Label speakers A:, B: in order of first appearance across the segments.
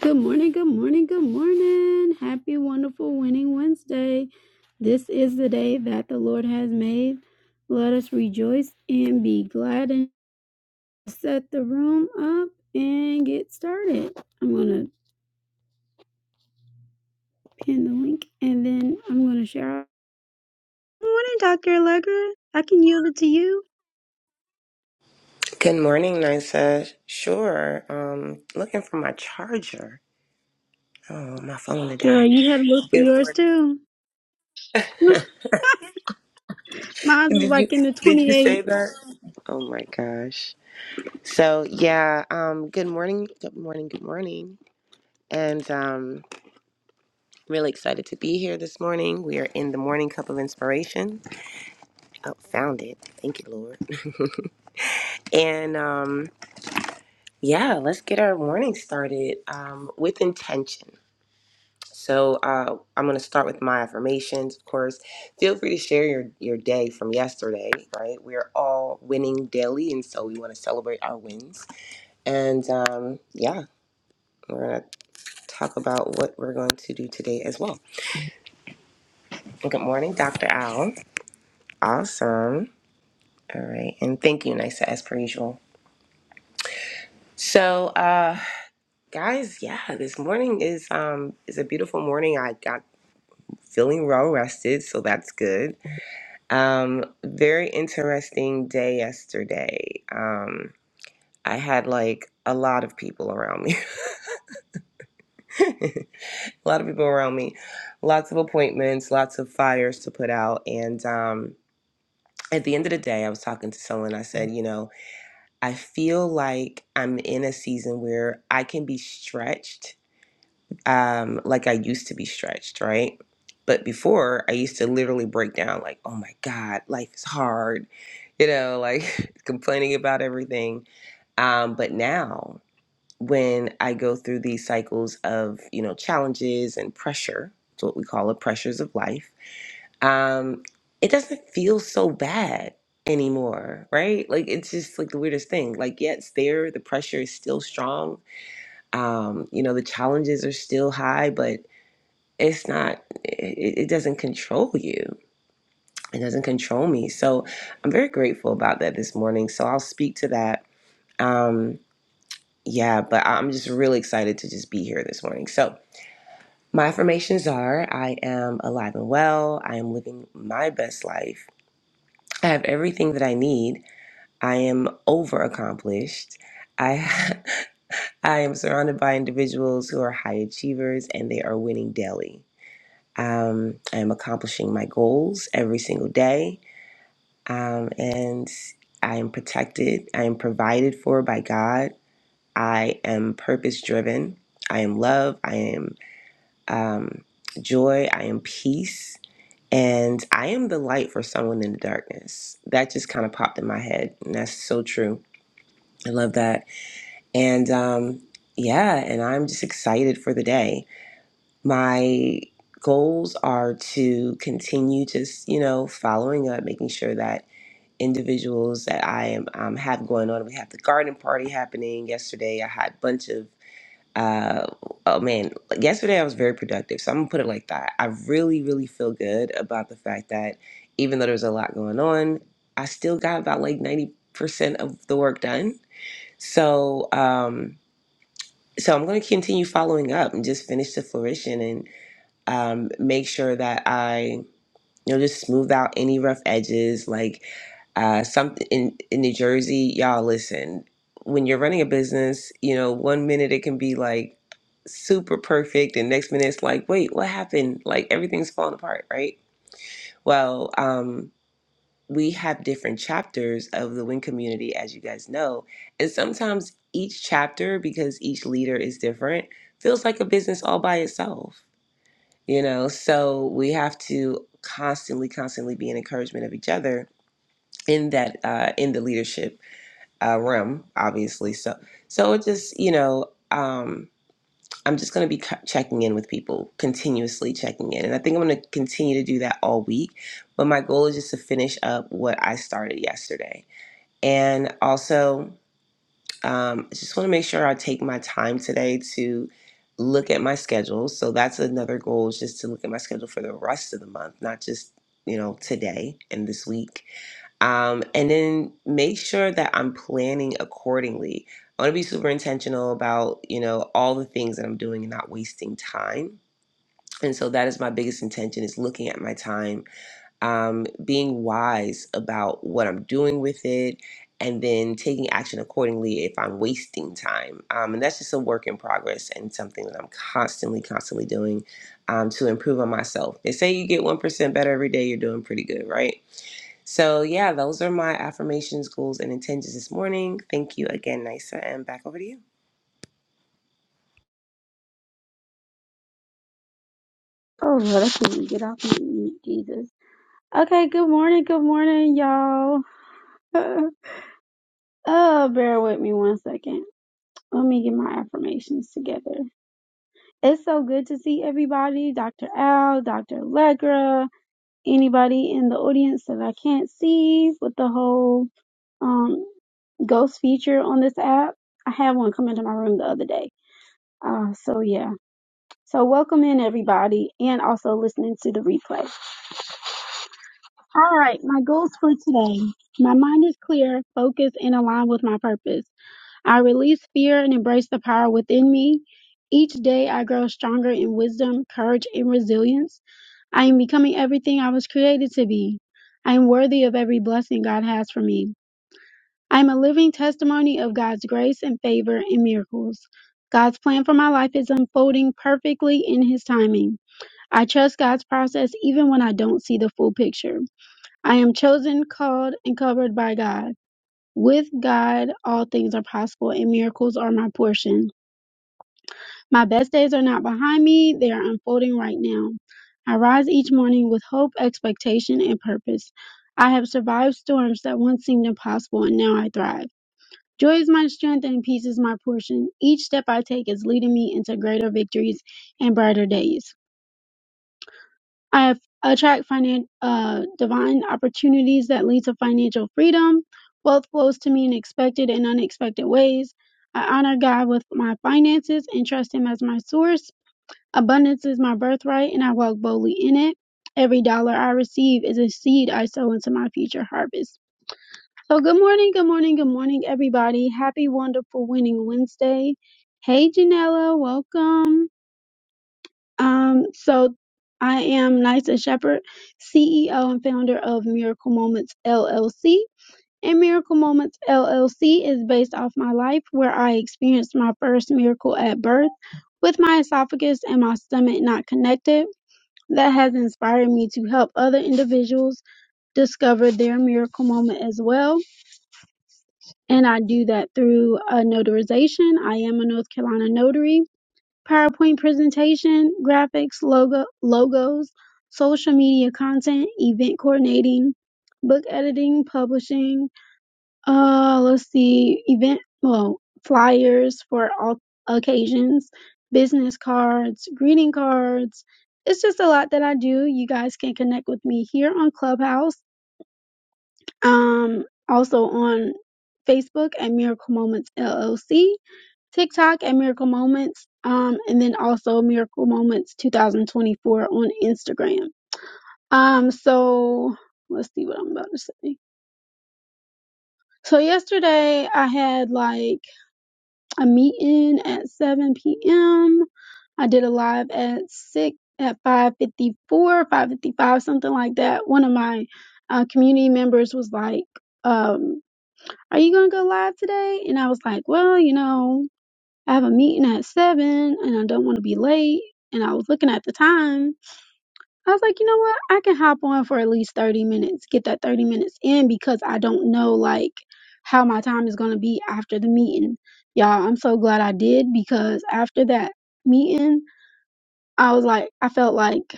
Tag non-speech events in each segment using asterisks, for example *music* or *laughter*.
A: Good morning, good morning, good morning. Happy, wonderful, winning Wednesday. This is the day that the Lord has made. Let us rejoice and be glad and set the room up and get started. I'm going to pin the link and then I'm going to share. Good morning, Dr. Allegra. I can yield it to you.
B: Good morning, Nisa. Sure. Um, looking for my charger. Oh, my phone to
A: Girl,
B: die.
A: you had to look for
B: Good
A: yours
B: morning.
A: too. *laughs* Mine was
B: Did you
A: like in the
B: did you say
A: 28.
B: that? Oh my gosh. So yeah. Um. Good morning. Good morning. Good morning. And um, really excited to be here this morning. We are in the morning cup of inspiration. Oh, found it. Thank you, Lord. And um, yeah, let's get our morning started um, with intention. So uh, I'm going to start with my affirmations. Of course, feel free to share your your day from yesterday. Right, we're all winning daily, and so we want to celebrate our wins. And um, yeah, we're going to talk about what we're going to do today as well. Well, Good morning, Dr. Al. Awesome. All right, and thank you, Nisa, as per usual. So, uh, guys, yeah, this morning is um is a beautiful morning. I got feeling well rested, so that's good. Um, very interesting day yesterday. Um, I had like a lot of people around me, *laughs* a lot of people around me, lots of appointments, lots of fires to put out. And um, at the end of the day, I was talking to someone. I said, you know, I feel like I'm in a season where I can be stretched um, like I used to be stretched, right? But before, I used to literally break down, like, oh my God, life is hard, you know, like *laughs* complaining about everything. Um, but now, when I go through these cycles of, you know, challenges and pressure, it's what we call the pressures of life, um, it doesn't feel so bad anymore, right? Like, it's just like the weirdest thing. Like, yeah, it's there, the pressure is still strong, um, you know, the challenges are still high, but it's not it, it doesn't control you it doesn't control me so i'm very grateful about that this morning so i'll speak to that um yeah but i'm just really excited to just be here this morning so my affirmations are i am alive and well i am living my best life i have everything that i need i am over accomplished i *laughs* i am surrounded by individuals who are high achievers and they are winning daily Um, I am accomplishing my goals every single day. Um, and I am protected. I am provided for by God. I am purpose driven. I am love. I am um, joy. I am peace. And I am the light for someone in the darkness. That just kind of popped in my head. And that's so true. I love that. And um, yeah, and I'm just excited for the day my goals are to continue just you know following up making sure that individuals that i am um, have going on we have the garden party happening yesterday i had a bunch of uh, oh man like, yesterday i was very productive so i'm gonna put it like that i really really feel good about the fact that even though there's a lot going on i still got about like 90% of the work done so um so i'm gonna continue following up and just finish the flourishing and um, make sure that I, you know, just smooth out any rough edges. Like uh, something in, in New Jersey, y'all listen, when you're running a business, you know, one minute it can be like super perfect, and next minute it's like, wait, what happened? Like everything's falling apart, right? Well, um, we have different chapters of the Win community, as you guys know. And sometimes each chapter, because each leader is different, feels like a business all by itself you know so we have to constantly constantly be an encouragement of each other in that uh in the leadership uh realm obviously so so it just you know um i'm just going to be c- checking in with people continuously checking in and i think i'm going to continue to do that all week but my goal is just to finish up what i started yesterday and also um, I just want to make sure I take my time today to look at my schedule. So that's another goal is just to look at my schedule for the rest of the month, not just, you know, today and this week. Um, and then make sure that I'm planning accordingly. I want to be super intentional about, you know, all the things that I'm doing and not wasting time. And so that is my biggest intention is looking at my time um, being wise about what I'm doing with it, and then taking action accordingly if I'm wasting time. Um, and that's just a work in progress and something that I'm constantly, constantly doing um, to improve on myself. They say you get 1% better every day, you're doing pretty good, right? So, yeah, those are my affirmations, goals, and intentions this morning. Thank you again, Nisa, and back over to you.
A: Oh, Lord, I can't even get off me, Jesus. Okay, good morning, good morning, y'all. *laughs* Oh, bear with me one second. Let me get my affirmations together. It's so good to see everybody, Dr. Al, Dr. Allegra, anybody in the audience that I can't see with the whole um ghost feature on this app. I had one come into my room the other day. Uh, so yeah. So welcome in everybody and also listening to the replay. All right, my goals for today. My mind is clear, focused, and aligned with my purpose. I release fear and embrace the power within me. Each day I grow stronger in wisdom, courage, and resilience. I am becoming everything I was created to be. I am worthy of every blessing God has for me. I am a living testimony of God's grace and favor and miracles. God's plan for my life is unfolding perfectly in His timing. I trust God's process even when I don't see the full picture. I am chosen, called, and covered by God. With God, all things are possible and miracles are my portion. My best days are not behind me, they are unfolding right now. I rise each morning with hope, expectation, and purpose. I have survived storms that once seemed impossible, and now I thrive. Joy is my strength and peace is my portion. Each step I take is leading me into greater victories and brighter days. I have attract finan- uh, divine opportunities that lead to financial freedom. Wealth flows to me in expected and unexpected ways. I honor God with my finances and trust Him as my source. Abundance is my birthright, and I walk boldly in it. Every dollar I receive is a seed I sow into my future harvest. So, good morning, good morning, good morning, everybody. Happy, wonderful, winning Wednesday. Hey, Janella, welcome. Um, so, I am Nysa Shepherd, CEO and founder of Miracle Moments LLC. And Miracle Moments LLC is based off my life where I experienced my first miracle at birth with my esophagus and my stomach not connected that has inspired me to help other individuals discover their miracle moment as well. And I do that through a notarization. I am a North Carolina notary, PowerPoint presentation, graphics, logo, logos, social media content, event coordinating, book editing, publishing, uh, let's see, event, well, flyers for all occasions, business cards, greeting cards. It's just a lot that I do. You guys can connect with me here on Clubhouse, um, also on Facebook at Miracle Moments LLC, TikTok at Miracle Moments, um, and then also Miracle Moments 2024 on Instagram. Um, so let's see what I'm about to say. So yesterday I had like I'm meeting at 7 p.m. I did a live at six at 5:54, 5:55, something like that. One of my uh, community members was like, um, "Are you gonna go live today?" And I was like, "Well, you know, I have a meeting at seven, and I don't want to be late." And I was looking at the time, I was like, you know what? I can hop on for at least 30 minutes, get that 30 minutes in because I don't know like how my time is going to be after the meeting. Y'all, I'm so glad I did because after that meeting, I was like, I felt like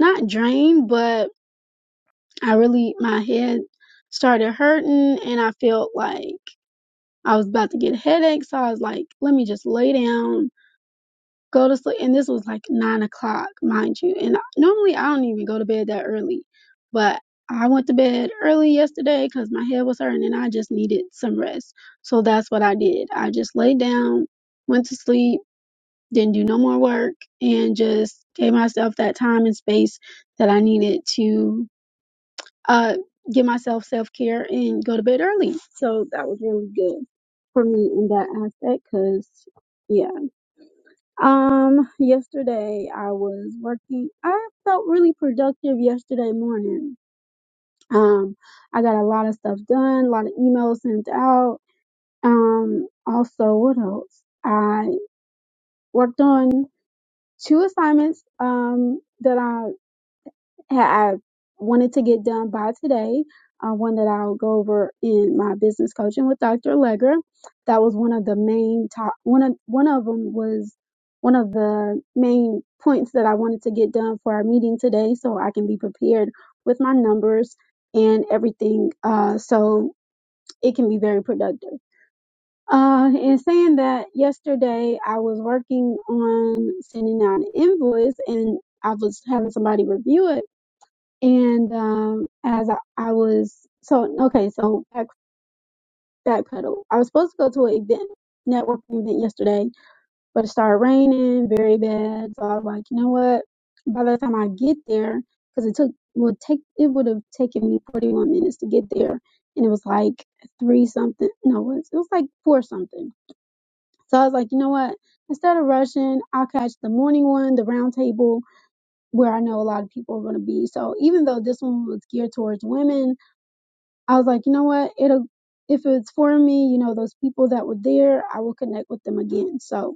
A: not drained, but I really, my head started hurting and I felt like I was about to get a headache. So I was like, let me just lay down go to sleep. And this was like nine o'clock, mind you. And normally I don't even go to bed that early, but I went to bed early yesterday because my head was hurting and I just needed some rest. So that's what I did. I just laid down, went to sleep, didn't do no more work, and just gave myself that time and space that I needed to uh, give myself self care and go to bed early. So that was really good for me in that aspect because, yeah. Um, yesterday I was working. I felt really productive yesterday morning. Um, I got a lot of stuff done, a lot of emails sent out. Um, also, what else? I worked on two assignments. Um, that I. ha- I wanted to get done by today, uh, one that I'll go over in my business coaching with Dr. Legger. That was one of the main top, one of, one of them was one of the main points that I wanted to get done for our meeting today so I can be prepared with my numbers and everything. Uh, so it can be very productive. Uh, and saying that yesterday I was working on sending out an invoice and I was having somebody review it and um, as I, I was, so okay, so back backpedal. I was supposed to go to an event, networking event yesterday, but it started raining very bad. So I was like, you know what? By the time I get there, because it took would take it would have taken me 41 minutes to get there, and it was like three something. No, it was, it was like four something. So I was like, you know what? Instead of rushing, I'll catch the morning one, the round table, where I know a lot of people are going to be. So even though this one was geared towards women, I was like, you know what? It'll if it's for me, you know, those people that were there, I will connect with them again. So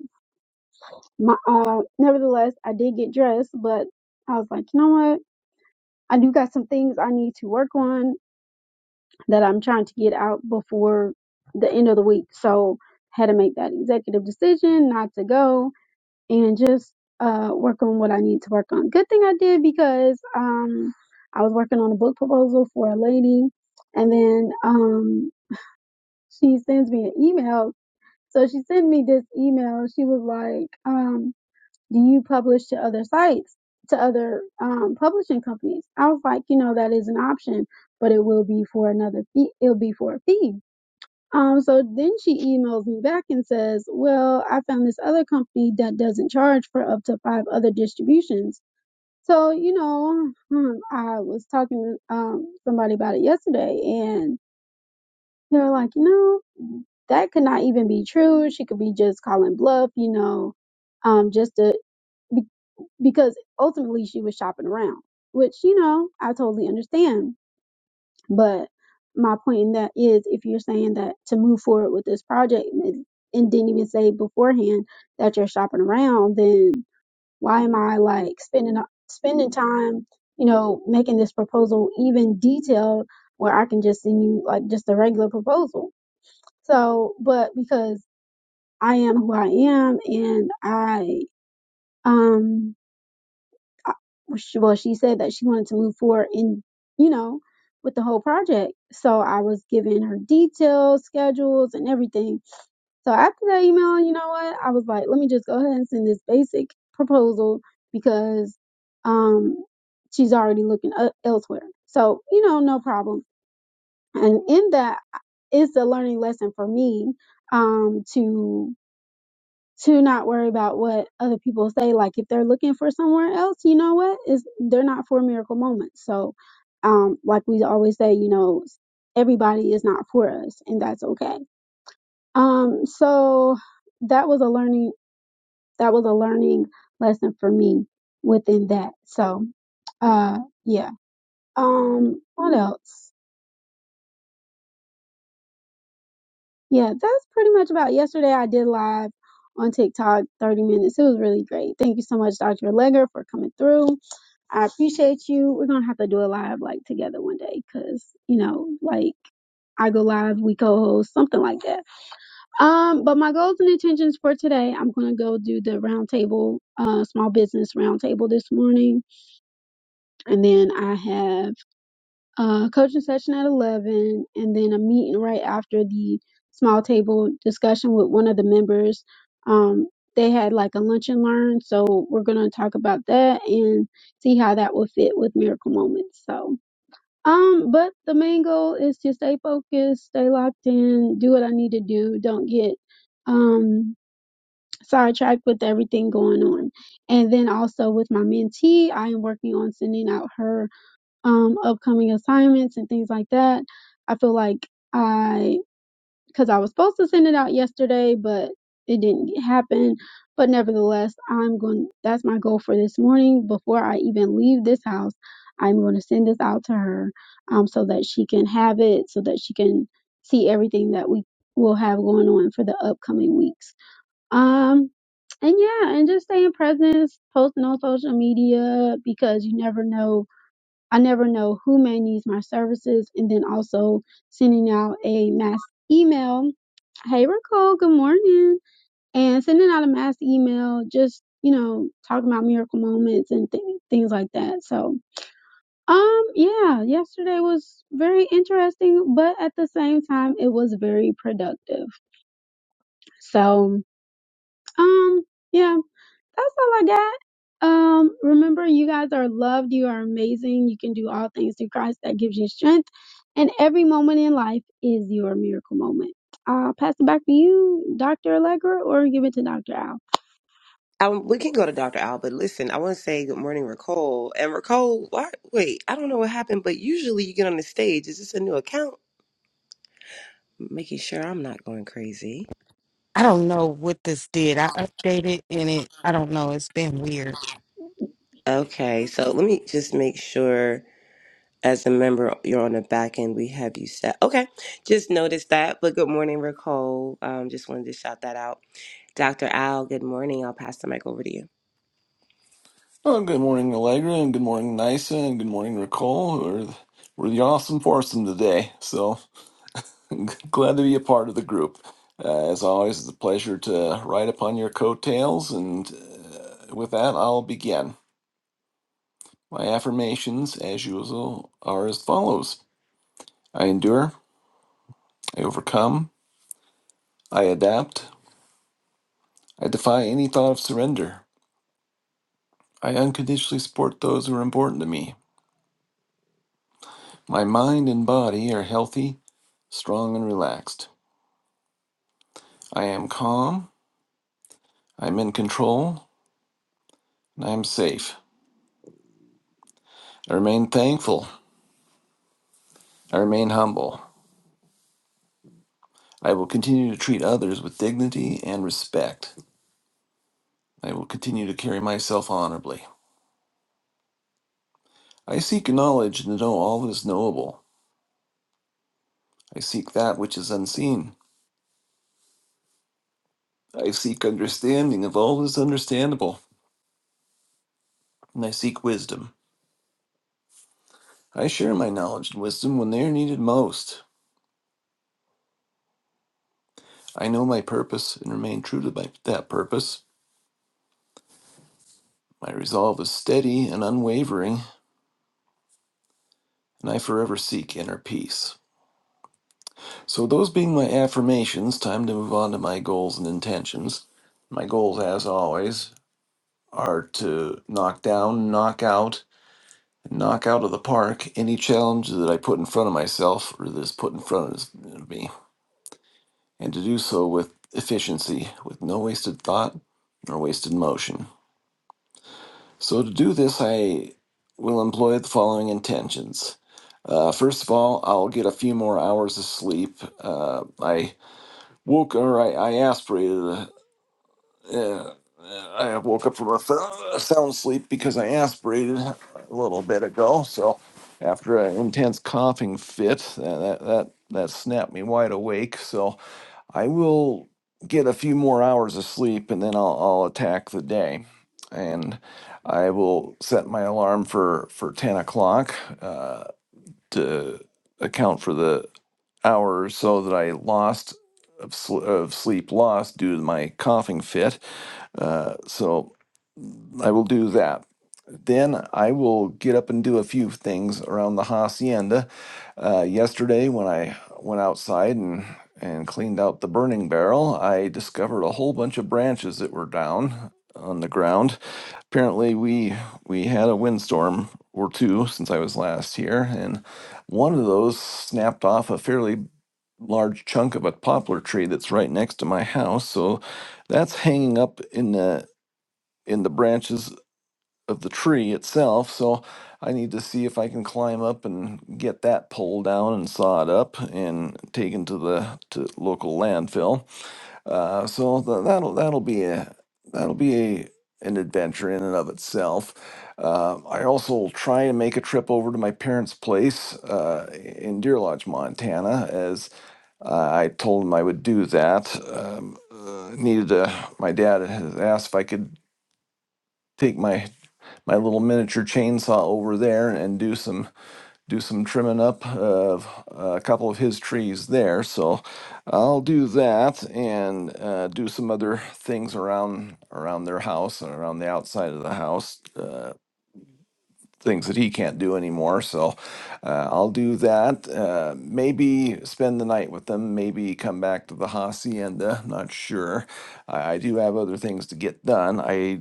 A: my uh nevertheless I did get dressed, but I was like, you know what? I do got some things I need to work on that I'm trying to get out before the end of the week. So had to make that executive decision not to go and just uh work on what I need to work on. Good thing I did because um I was working on a book proposal for a lady and then um she sends me an email. So she sent me this email. She was like, um, do you publish to other sites, to other um, publishing companies? I was like, you know, that is an option, but it will be for another fee. It'll be for a fee. Um, so then she emails me back and says, well, I found this other company that doesn't charge for up to five other distributions. So, you know, hmm, I was talking to um, somebody about it yesterday and they're like, you know, that could not even be true. She could be just calling bluff, you know, um, just to, be, because ultimately she was shopping around, which, you know, I totally understand. But my point in that is if you're saying that to move forward with this project and, and didn't even say beforehand that you're shopping around, then why am I like spending, spending time, you know, making this proposal even detailed where I can just send you like just a regular proposal? So, but because I am who I am, and I, um, I, well, she said that she wanted to move forward in, you know, with the whole project. So I was giving her details, schedules, and everything. So after that email, you know what? I was like, let me just go ahead and send this basic proposal because, um, she's already looking e- elsewhere. So, you know, no problem. And in that is the learning lesson for me, um, to to not worry about what other people say. Like if they're looking for somewhere else, you know what? Is they're not for miracle moments. So, um, like we always say, you know, everybody is not for us, and that's okay. Um, so that was a learning that was a learning lesson for me within that. So, uh, yeah. Um, what else? Yeah, that's pretty much about yesterday. I did live on TikTok, 30 minutes. It was really great. Thank you so much, Dr. Legger, for coming through. I appreciate you. We're gonna have to do a live like together one day, cause you know, like I go live, we co-host, something like that. Um, but my goals and intentions for today, I'm gonna go do the roundtable, uh, small business roundtable this morning, and then I have a coaching session at eleven, and then a meeting right after the small table discussion with one of the members. Um, they had like a lunch and learn, so we're gonna talk about that and see how that will fit with miracle moments. So um, but the main goal is to stay focused, stay locked in, do what I need to do, don't get um sidetracked with everything going on. And then also with my mentee, I am working on sending out her um upcoming assignments and things like that. I feel like I because I was supposed to send it out yesterday, but it didn't happen. But nevertheless, I'm going. That's my goal for this morning. Before I even leave this house, I'm going to send this out to her, um, so that she can have it, so that she can see everything that we will have going on for the upcoming weeks. Um, and yeah, and just staying present, posting on social media because you never know. I never know who may need my services, and then also sending out a mass email hey Raquel, good morning, and sending out a mass email, just you know, talking about miracle moments and th- things like that. So, um, yeah, yesterday was very interesting, but at the same time, it was very productive. So, um, yeah. that's all I got. Um, remember, you guys are loved. You are amazing. You can do all things through Christ that gives you strength. And every moment in life is your miracle moment. I'll pass it back to you, Dr. Allegra, or give it to Dr. Al.
B: Um, we can go to Dr. Al, but listen, I want to say good morning, Ricole. And Ricole, why, wait, I don't know what happened, but usually you get on the stage. Is this a new account? making sure I'm not going crazy.
C: I don't know what this did. I updated and it, I don't know, it's been weird.
B: Okay, so let me just make sure as a member you're on the back end, we have you set. Okay, just noticed that. But good morning, Nicole. Um, just wanted to shout that out. Dr. Al, good morning. I'll pass the mic over to you.
D: Oh, good morning, Allegra, and good morning, Nisa, and good morning, Nicole. We're, we're the awesome foursome today, so *laughs* glad to be a part of the group. Uh, as always, it's a pleasure to ride upon your coattails, and uh, with that, I'll begin. My affirmations, as usual, are as follows I endure, I overcome, I adapt, I defy any thought of surrender, I unconditionally support those who are important to me. My mind and body are healthy, strong, and relaxed. I am calm, I am in control, and I am safe. I remain thankful, I remain humble. I will continue to treat others with dignity and respect. I will continue to carry myself honorably. I seek knowledge and to know all that is knowable. I seek that which is unseen. I seek understanding of all that is understandable, and I seek wisdom. I share my knowledge and wisdom when they are needed most. I know my purpose and remain true to my, that purpose. My resolve is steady and unwavering, and I forever seek inner peace. So, those being my affirmations, time to move on to my goals and intentions. My goals, as always, are to knock down, knock out, and knock out of the park any challenge that I put in front of myself or that is put in front of me, and to do so with efficiency, with no wasted thought nor wasted motion. So, to do this, I will employ the following intentions. Uh, first of all, I'll get a few more hours of sleep. Uh, I Woke, or I, I aspirated. Uh, uh, I woke up from a th- sound sleep because I aspirated a little bit ago. So, after an intense coughing fit, uh, that that that snapped me wide awake. So, I will get a few more hours of sleep, and then I'll, I'll attack the day. And I will set my alarm for for ten o'clock uh, to account for the hour or so that I lost of, sl- of sleep lost due to my coughing fit. Uh, so I will do that. Then I will get up and do a few things around the hacienda. Uh, yesterday, when I went outside and and cleaned out the burning barrel, I discovered a whole bunch of branches that were down on the ground. Apparently, we we had a windstorm or two since I was last here, and one of those snapped off a fairly large chunk of a poplar tree that's right next to my house. So that's hanging up in the in the branches of the tree itself. So I need to see if I can climb up and get that pulled down and sawed up and taken to the to local landfill. Uh, so th- that'll that'll be a that'll be a an adventure in and of itself. Uh, I also will try and make a trip over to my parents' place uh, in Deer Lodge, Montana, as. Uh, I told him I would do that. Um, uh, needed a, my dad had asked if I could take my my little miniature chainsaw over there and do some do some trimming up of uh, a couple of his trees there. So I'll do that and uh, do some other things around around their house and around the outside of the house. uh, things that he can't do anymore. So uh, I'll do that. Uh, maybe spend the night with them. Maybe come back to the hacienda. Not sure. I, I do have other things to get done. I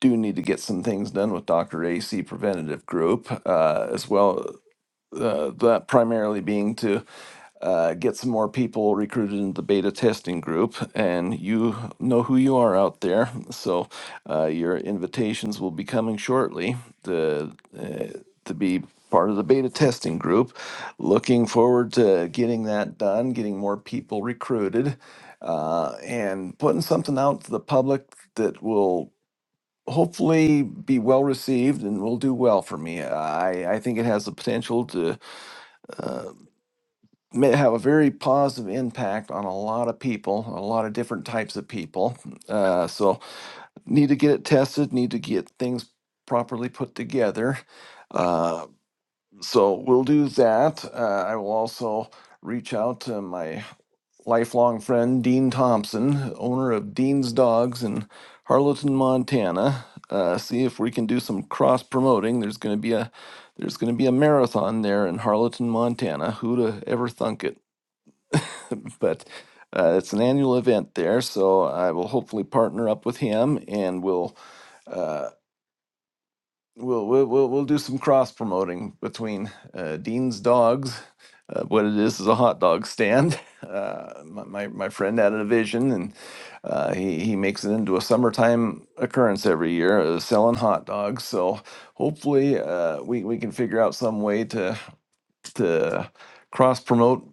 D: do need to get some things done with Dr. AC Preventative Group uh, as well uh, that primarily being to uh, get some more people recruited into the beta testing group. And you know who you are out there, so uh, your invitations will be coming shortly to uh, to be part of the beta testing group. Looking forward to getting that done, getting more people recruited, uh, and putting something out to the public that will hopefully be well received and will do well for me. I, I think it has the potential to may have a very positive impact on a lot of people, a lot of different types of people. Uh, so need to get it tested, need to get things properly put together. Uh, so we'll do that. Uh, I will also reach out to my lifelong friend Dean Thompson, owner of Dean's Dogs in Harleton, Montana. Uh, see if we can do some cross promoting. There's going to be a there's going to be a marathon there in Harleton, Montana. Who'd have ever thunk it? but uh, it's an annual event there, so I will hopefully partner up with him, and we'll uh, we'll, we'll we'll we'll do some cross promoting between uh, Dean's Dogs. Uh, what it is is a hot dog stand. *laughs* Uh, my, my my friend had a vision, and uh, he he makes it into a summertime occurrence every year, uh, selling hot dogs. So hopefully, uh, we we can figure out some way to to cross promote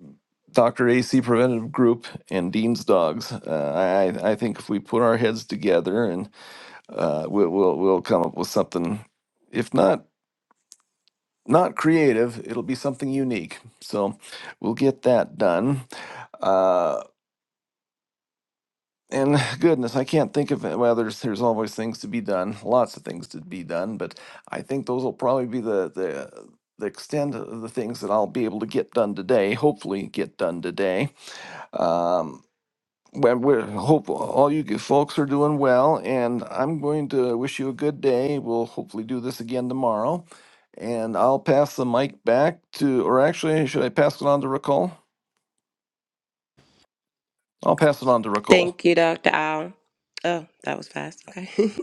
D: Dr. AC Preventative Group and Dean's Dogs. Uh, I I think if we put our heads together and uh, we'll, we'll we'll come up with something, if not not creative, it'll be something unique. So we'll get that done. Uh, and goodness, I can't think of it. Well, there's there's always things to be done, lots of things to be done, but I think those will probably be the the the extent of the things that I'll be able to get done today. Hopefully, get done today Um, well, we hope all you g- folks are doing well, and I'm going to wish you a good day. We'll hopefully do this again tomorrow, and I'll pass the mic back to, or actually, should I pass it on to Ricole? I'll pass it on to Ricole.
B: Thank you, Dr. Al. Oh, that was fast. Okay. *laughs*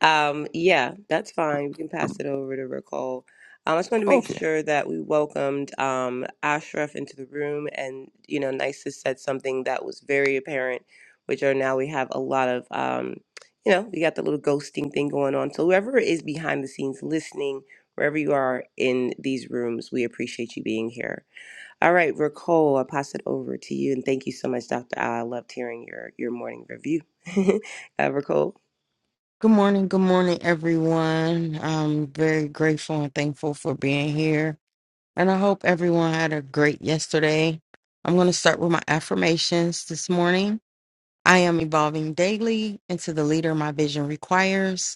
B: um, yeah, that's fine. We can pass it over to Nicole. Um, I just wanted to make
D: Okay.
B: sure that we welcomed um, Ashraf into the room. And, you know, Nisa said something that was very apparent, which are now we have a lot of, um, you know, we got the little ghosting thing going on. So whoever is behind the scenes listening, wherever you are in these rooms, we appreciate you being here. All right, Ricole, I pass it over to you, and thank you so much, Doctor. I loved hearing your your morning review, *laughs* uh, Ricole.
C: Good morning, good morning, everyone. I'm very grateful and thankful for being here. And I hope everyone had a great yesterday. I'm going to start with my affirmations this morning. I am evolving daily into the leader my vision requires.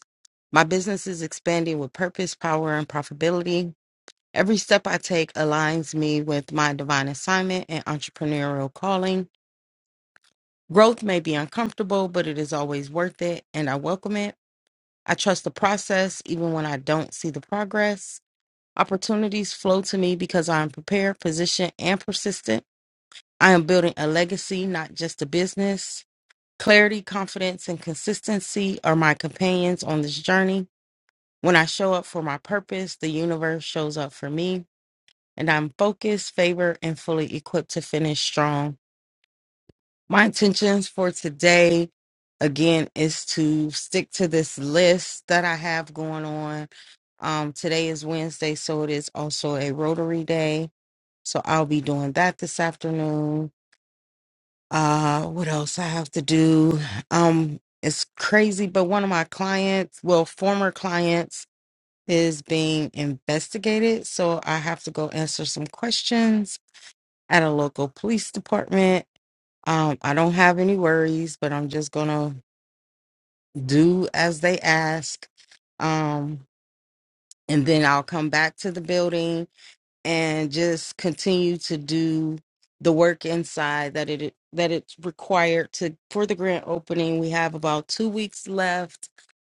C: My business is expanding with purpose, power, and profitability. Every step I take aligns me with my divine assignment and entrepreneurial calling. Growth may be uncomfortable, but it is always worth it, and I welcome it. I trust the process even when I don't see the progress. Opportunities flow to me because I am prepared, positioned, and persistent. I am building a legacy, not just a business. Clarity, confidence, and consistency are my companions on this journey. When I show up for my purpose, the universe shows up for me, and I'm focused, favored, and fully equipped to finish strong. My intentions for today, again, is to stick to this list that I have going on. Um, today is Wednesday, so it is also a Rotary Day. So I'll be doing that this afternoon. Uh, what else I have to do? Um, it's crazy, but one of my clients, well, former clients, is being investigated. So I have to go answer some questions at a local police department um, I don't have any worries, but I'm just gonna do as they ask. Um, and then I'll come back to the building and just continue to do the work inside that it that it's required to for the grand opening. We have about two weeks left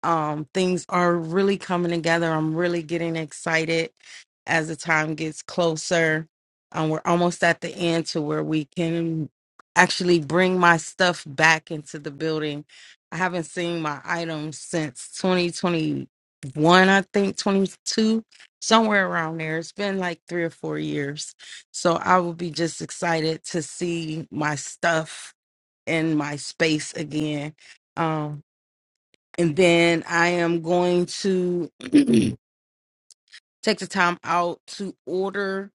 C: um, things are really coming together. I'm really getting excited as the time gets closer. Um, we're almost at the end to where we can actually bring my stuff back into the building. I haven't seen my items since 2021, I think 22, somewhere around there. It's been like three or four years. So I will be just excited to see my stuff in my space again. Um, and then I am going to *clears throat* take the time out to order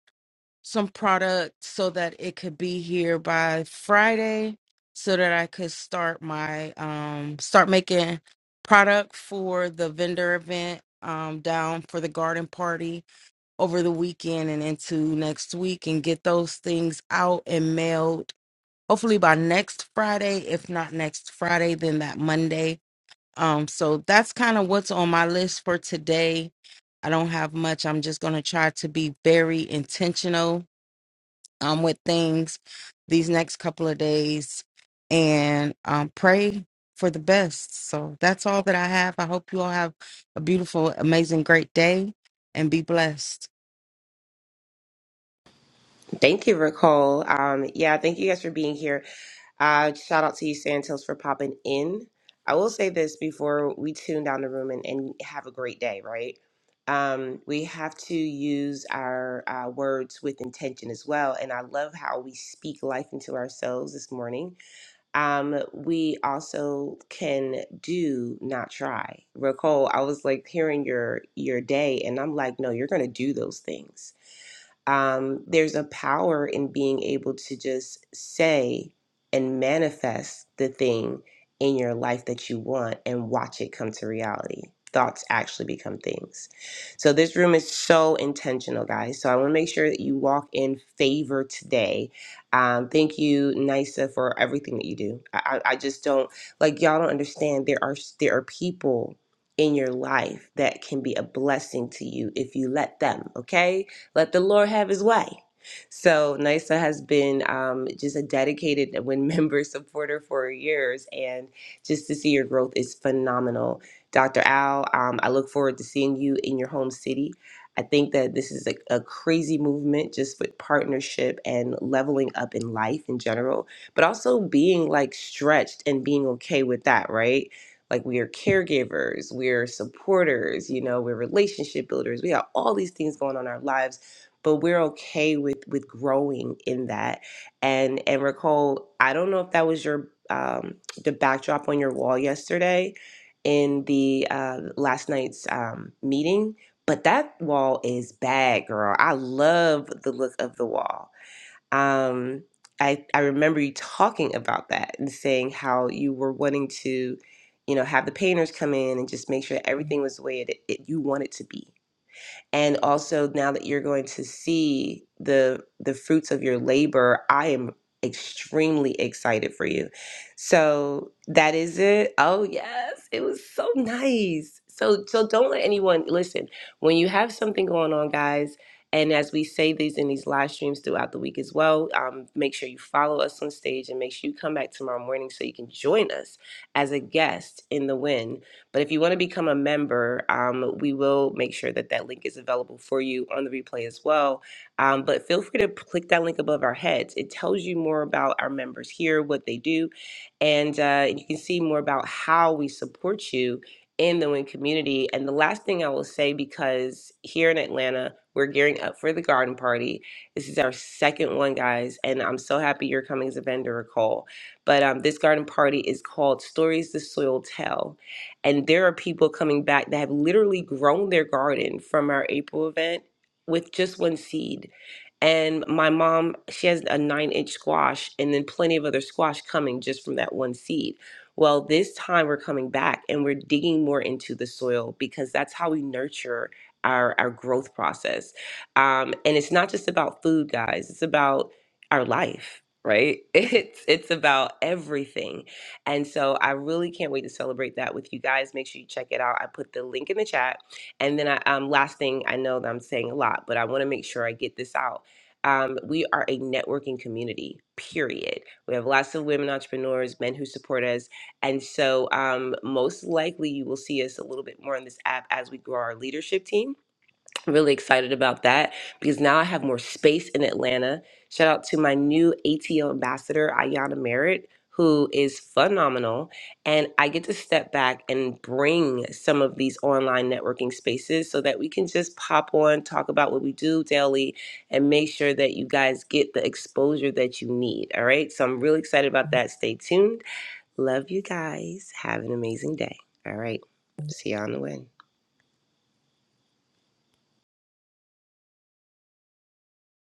C: some product so that it could be here by Friday so that I could start my um start making product for the vendor event um down for the garden party over the weekend and into next week and get those things out and mailed hopefully by next Friday if not next Friday then that Monday um, so that's kind of what's on my list for today. I don't have much. I'm just going to try to be very intentional um, with things these next couple of days and um, pray for the best. So that's all that I have. I hope you all have a beautiful, amazing, great day and be blessed.
B: Thank you, Ricole. Um, yeah, thank you guys for being here. Uh, shout out to you, Santos, for popping in. I will say this before we tune down the room and, and have a great day, right? Um, we have to use our uh, words with intention as well. And I love how we speak life into ourselves this morning. um, we also can do not try. Recall, I was like hearing your your day, and I'm like, no, you're gonna do those things um, there's a power in being able to just say and manifest the thing in your life that you want and watch it come to reality. Thoughts actually become things. So, this room is so intentional, guys. So, I want to make sure that you walk in favor today. Um, thank you, Nisa, for everything that you do. I, I I just don't like y'all don't understand. There are there are people in your life that can be a blessing to you if you let them. Okay, let the Lord have his way. So NISA has been um, just a dedicated *laughs* win member supporter for years, and just to see your growth is phenomenal. Dr. Al, um, I look forward to seeing you in your home city. I think that this is a, a crazy movement just with partnership and leveling up in life in general, but also being like stretched and being okay with that, right? Like we are caregivers, we're supporters, you know, we're relationship builders. We have all these things going on in our lives but we're okay with with growing in that and and recall i don't know if that was your um the backdrop on your wall yesterday in the uh last night's um meeting but that wall is bad girl i love the look of the wall um i i remember you talking about that and saying how you were wanting to you know have the painters come in and just make sure that everything was the way it, it you want it to be and also now that you're going to see the the fruits of your labor i am extremely excited for you so that is it oh yes it was so nice so so don't let anyone listen when you have something going on guys and as we say these in these live streams throughout the week as well um, make sure you follow us on stage and make sure you come back tomorrow morning so you can join us as a guest in the win but if you want to become a member, um, we will make sure that that link is available for you on the replay as well. Um, but feel free to click that link above our heads. It tells you more about our members here, what they do, and uh, you can see more about how we support you in the Win community. And the last thing I will say, because here in Atlanta, we're gearing up for the garden party. This is our second one, guys, and I'm so happy you're coming as a vendor, Nicole. But um, this garden party is called Stories the Soil Tell and there are people coming back that have literally grown their garden from our April event with just one seed. And my mom, she has a nine inch squash and then plenty of other squash coming just from that one seed. Well, this time we're coming back and we're digging more into the soil because that's how we nurture our, our growth process. Um, and it's not just about food, guys, it's about our life, right? *laughs* It's, it's about everything and so I really can't wait to celebrate that with you guys. Make sure you check it out. I put the link in the chat. And then I, um, last thing, I know that I'm saying a lot, but I want to make sure I get this out. Um, we are a networking community, period. We have lots of women entrepreneurs, men who support us. And so, um, most likely, you will see us a little bit more on this app as we grow our leadership team really excited about that because now I have more space in Atlanta. Shout out to my new ATL ambassador, Ayana Merritt, who is phenomenal. And I get to step back and bring some of these online networking spaces so that we can just pop on, talk about what we do daily, and make sure that you guys get the exposure that you need. All right. So I'm really excited about that. Stay tuned. Love you guys. Have an amazing day. All right. See you on the win.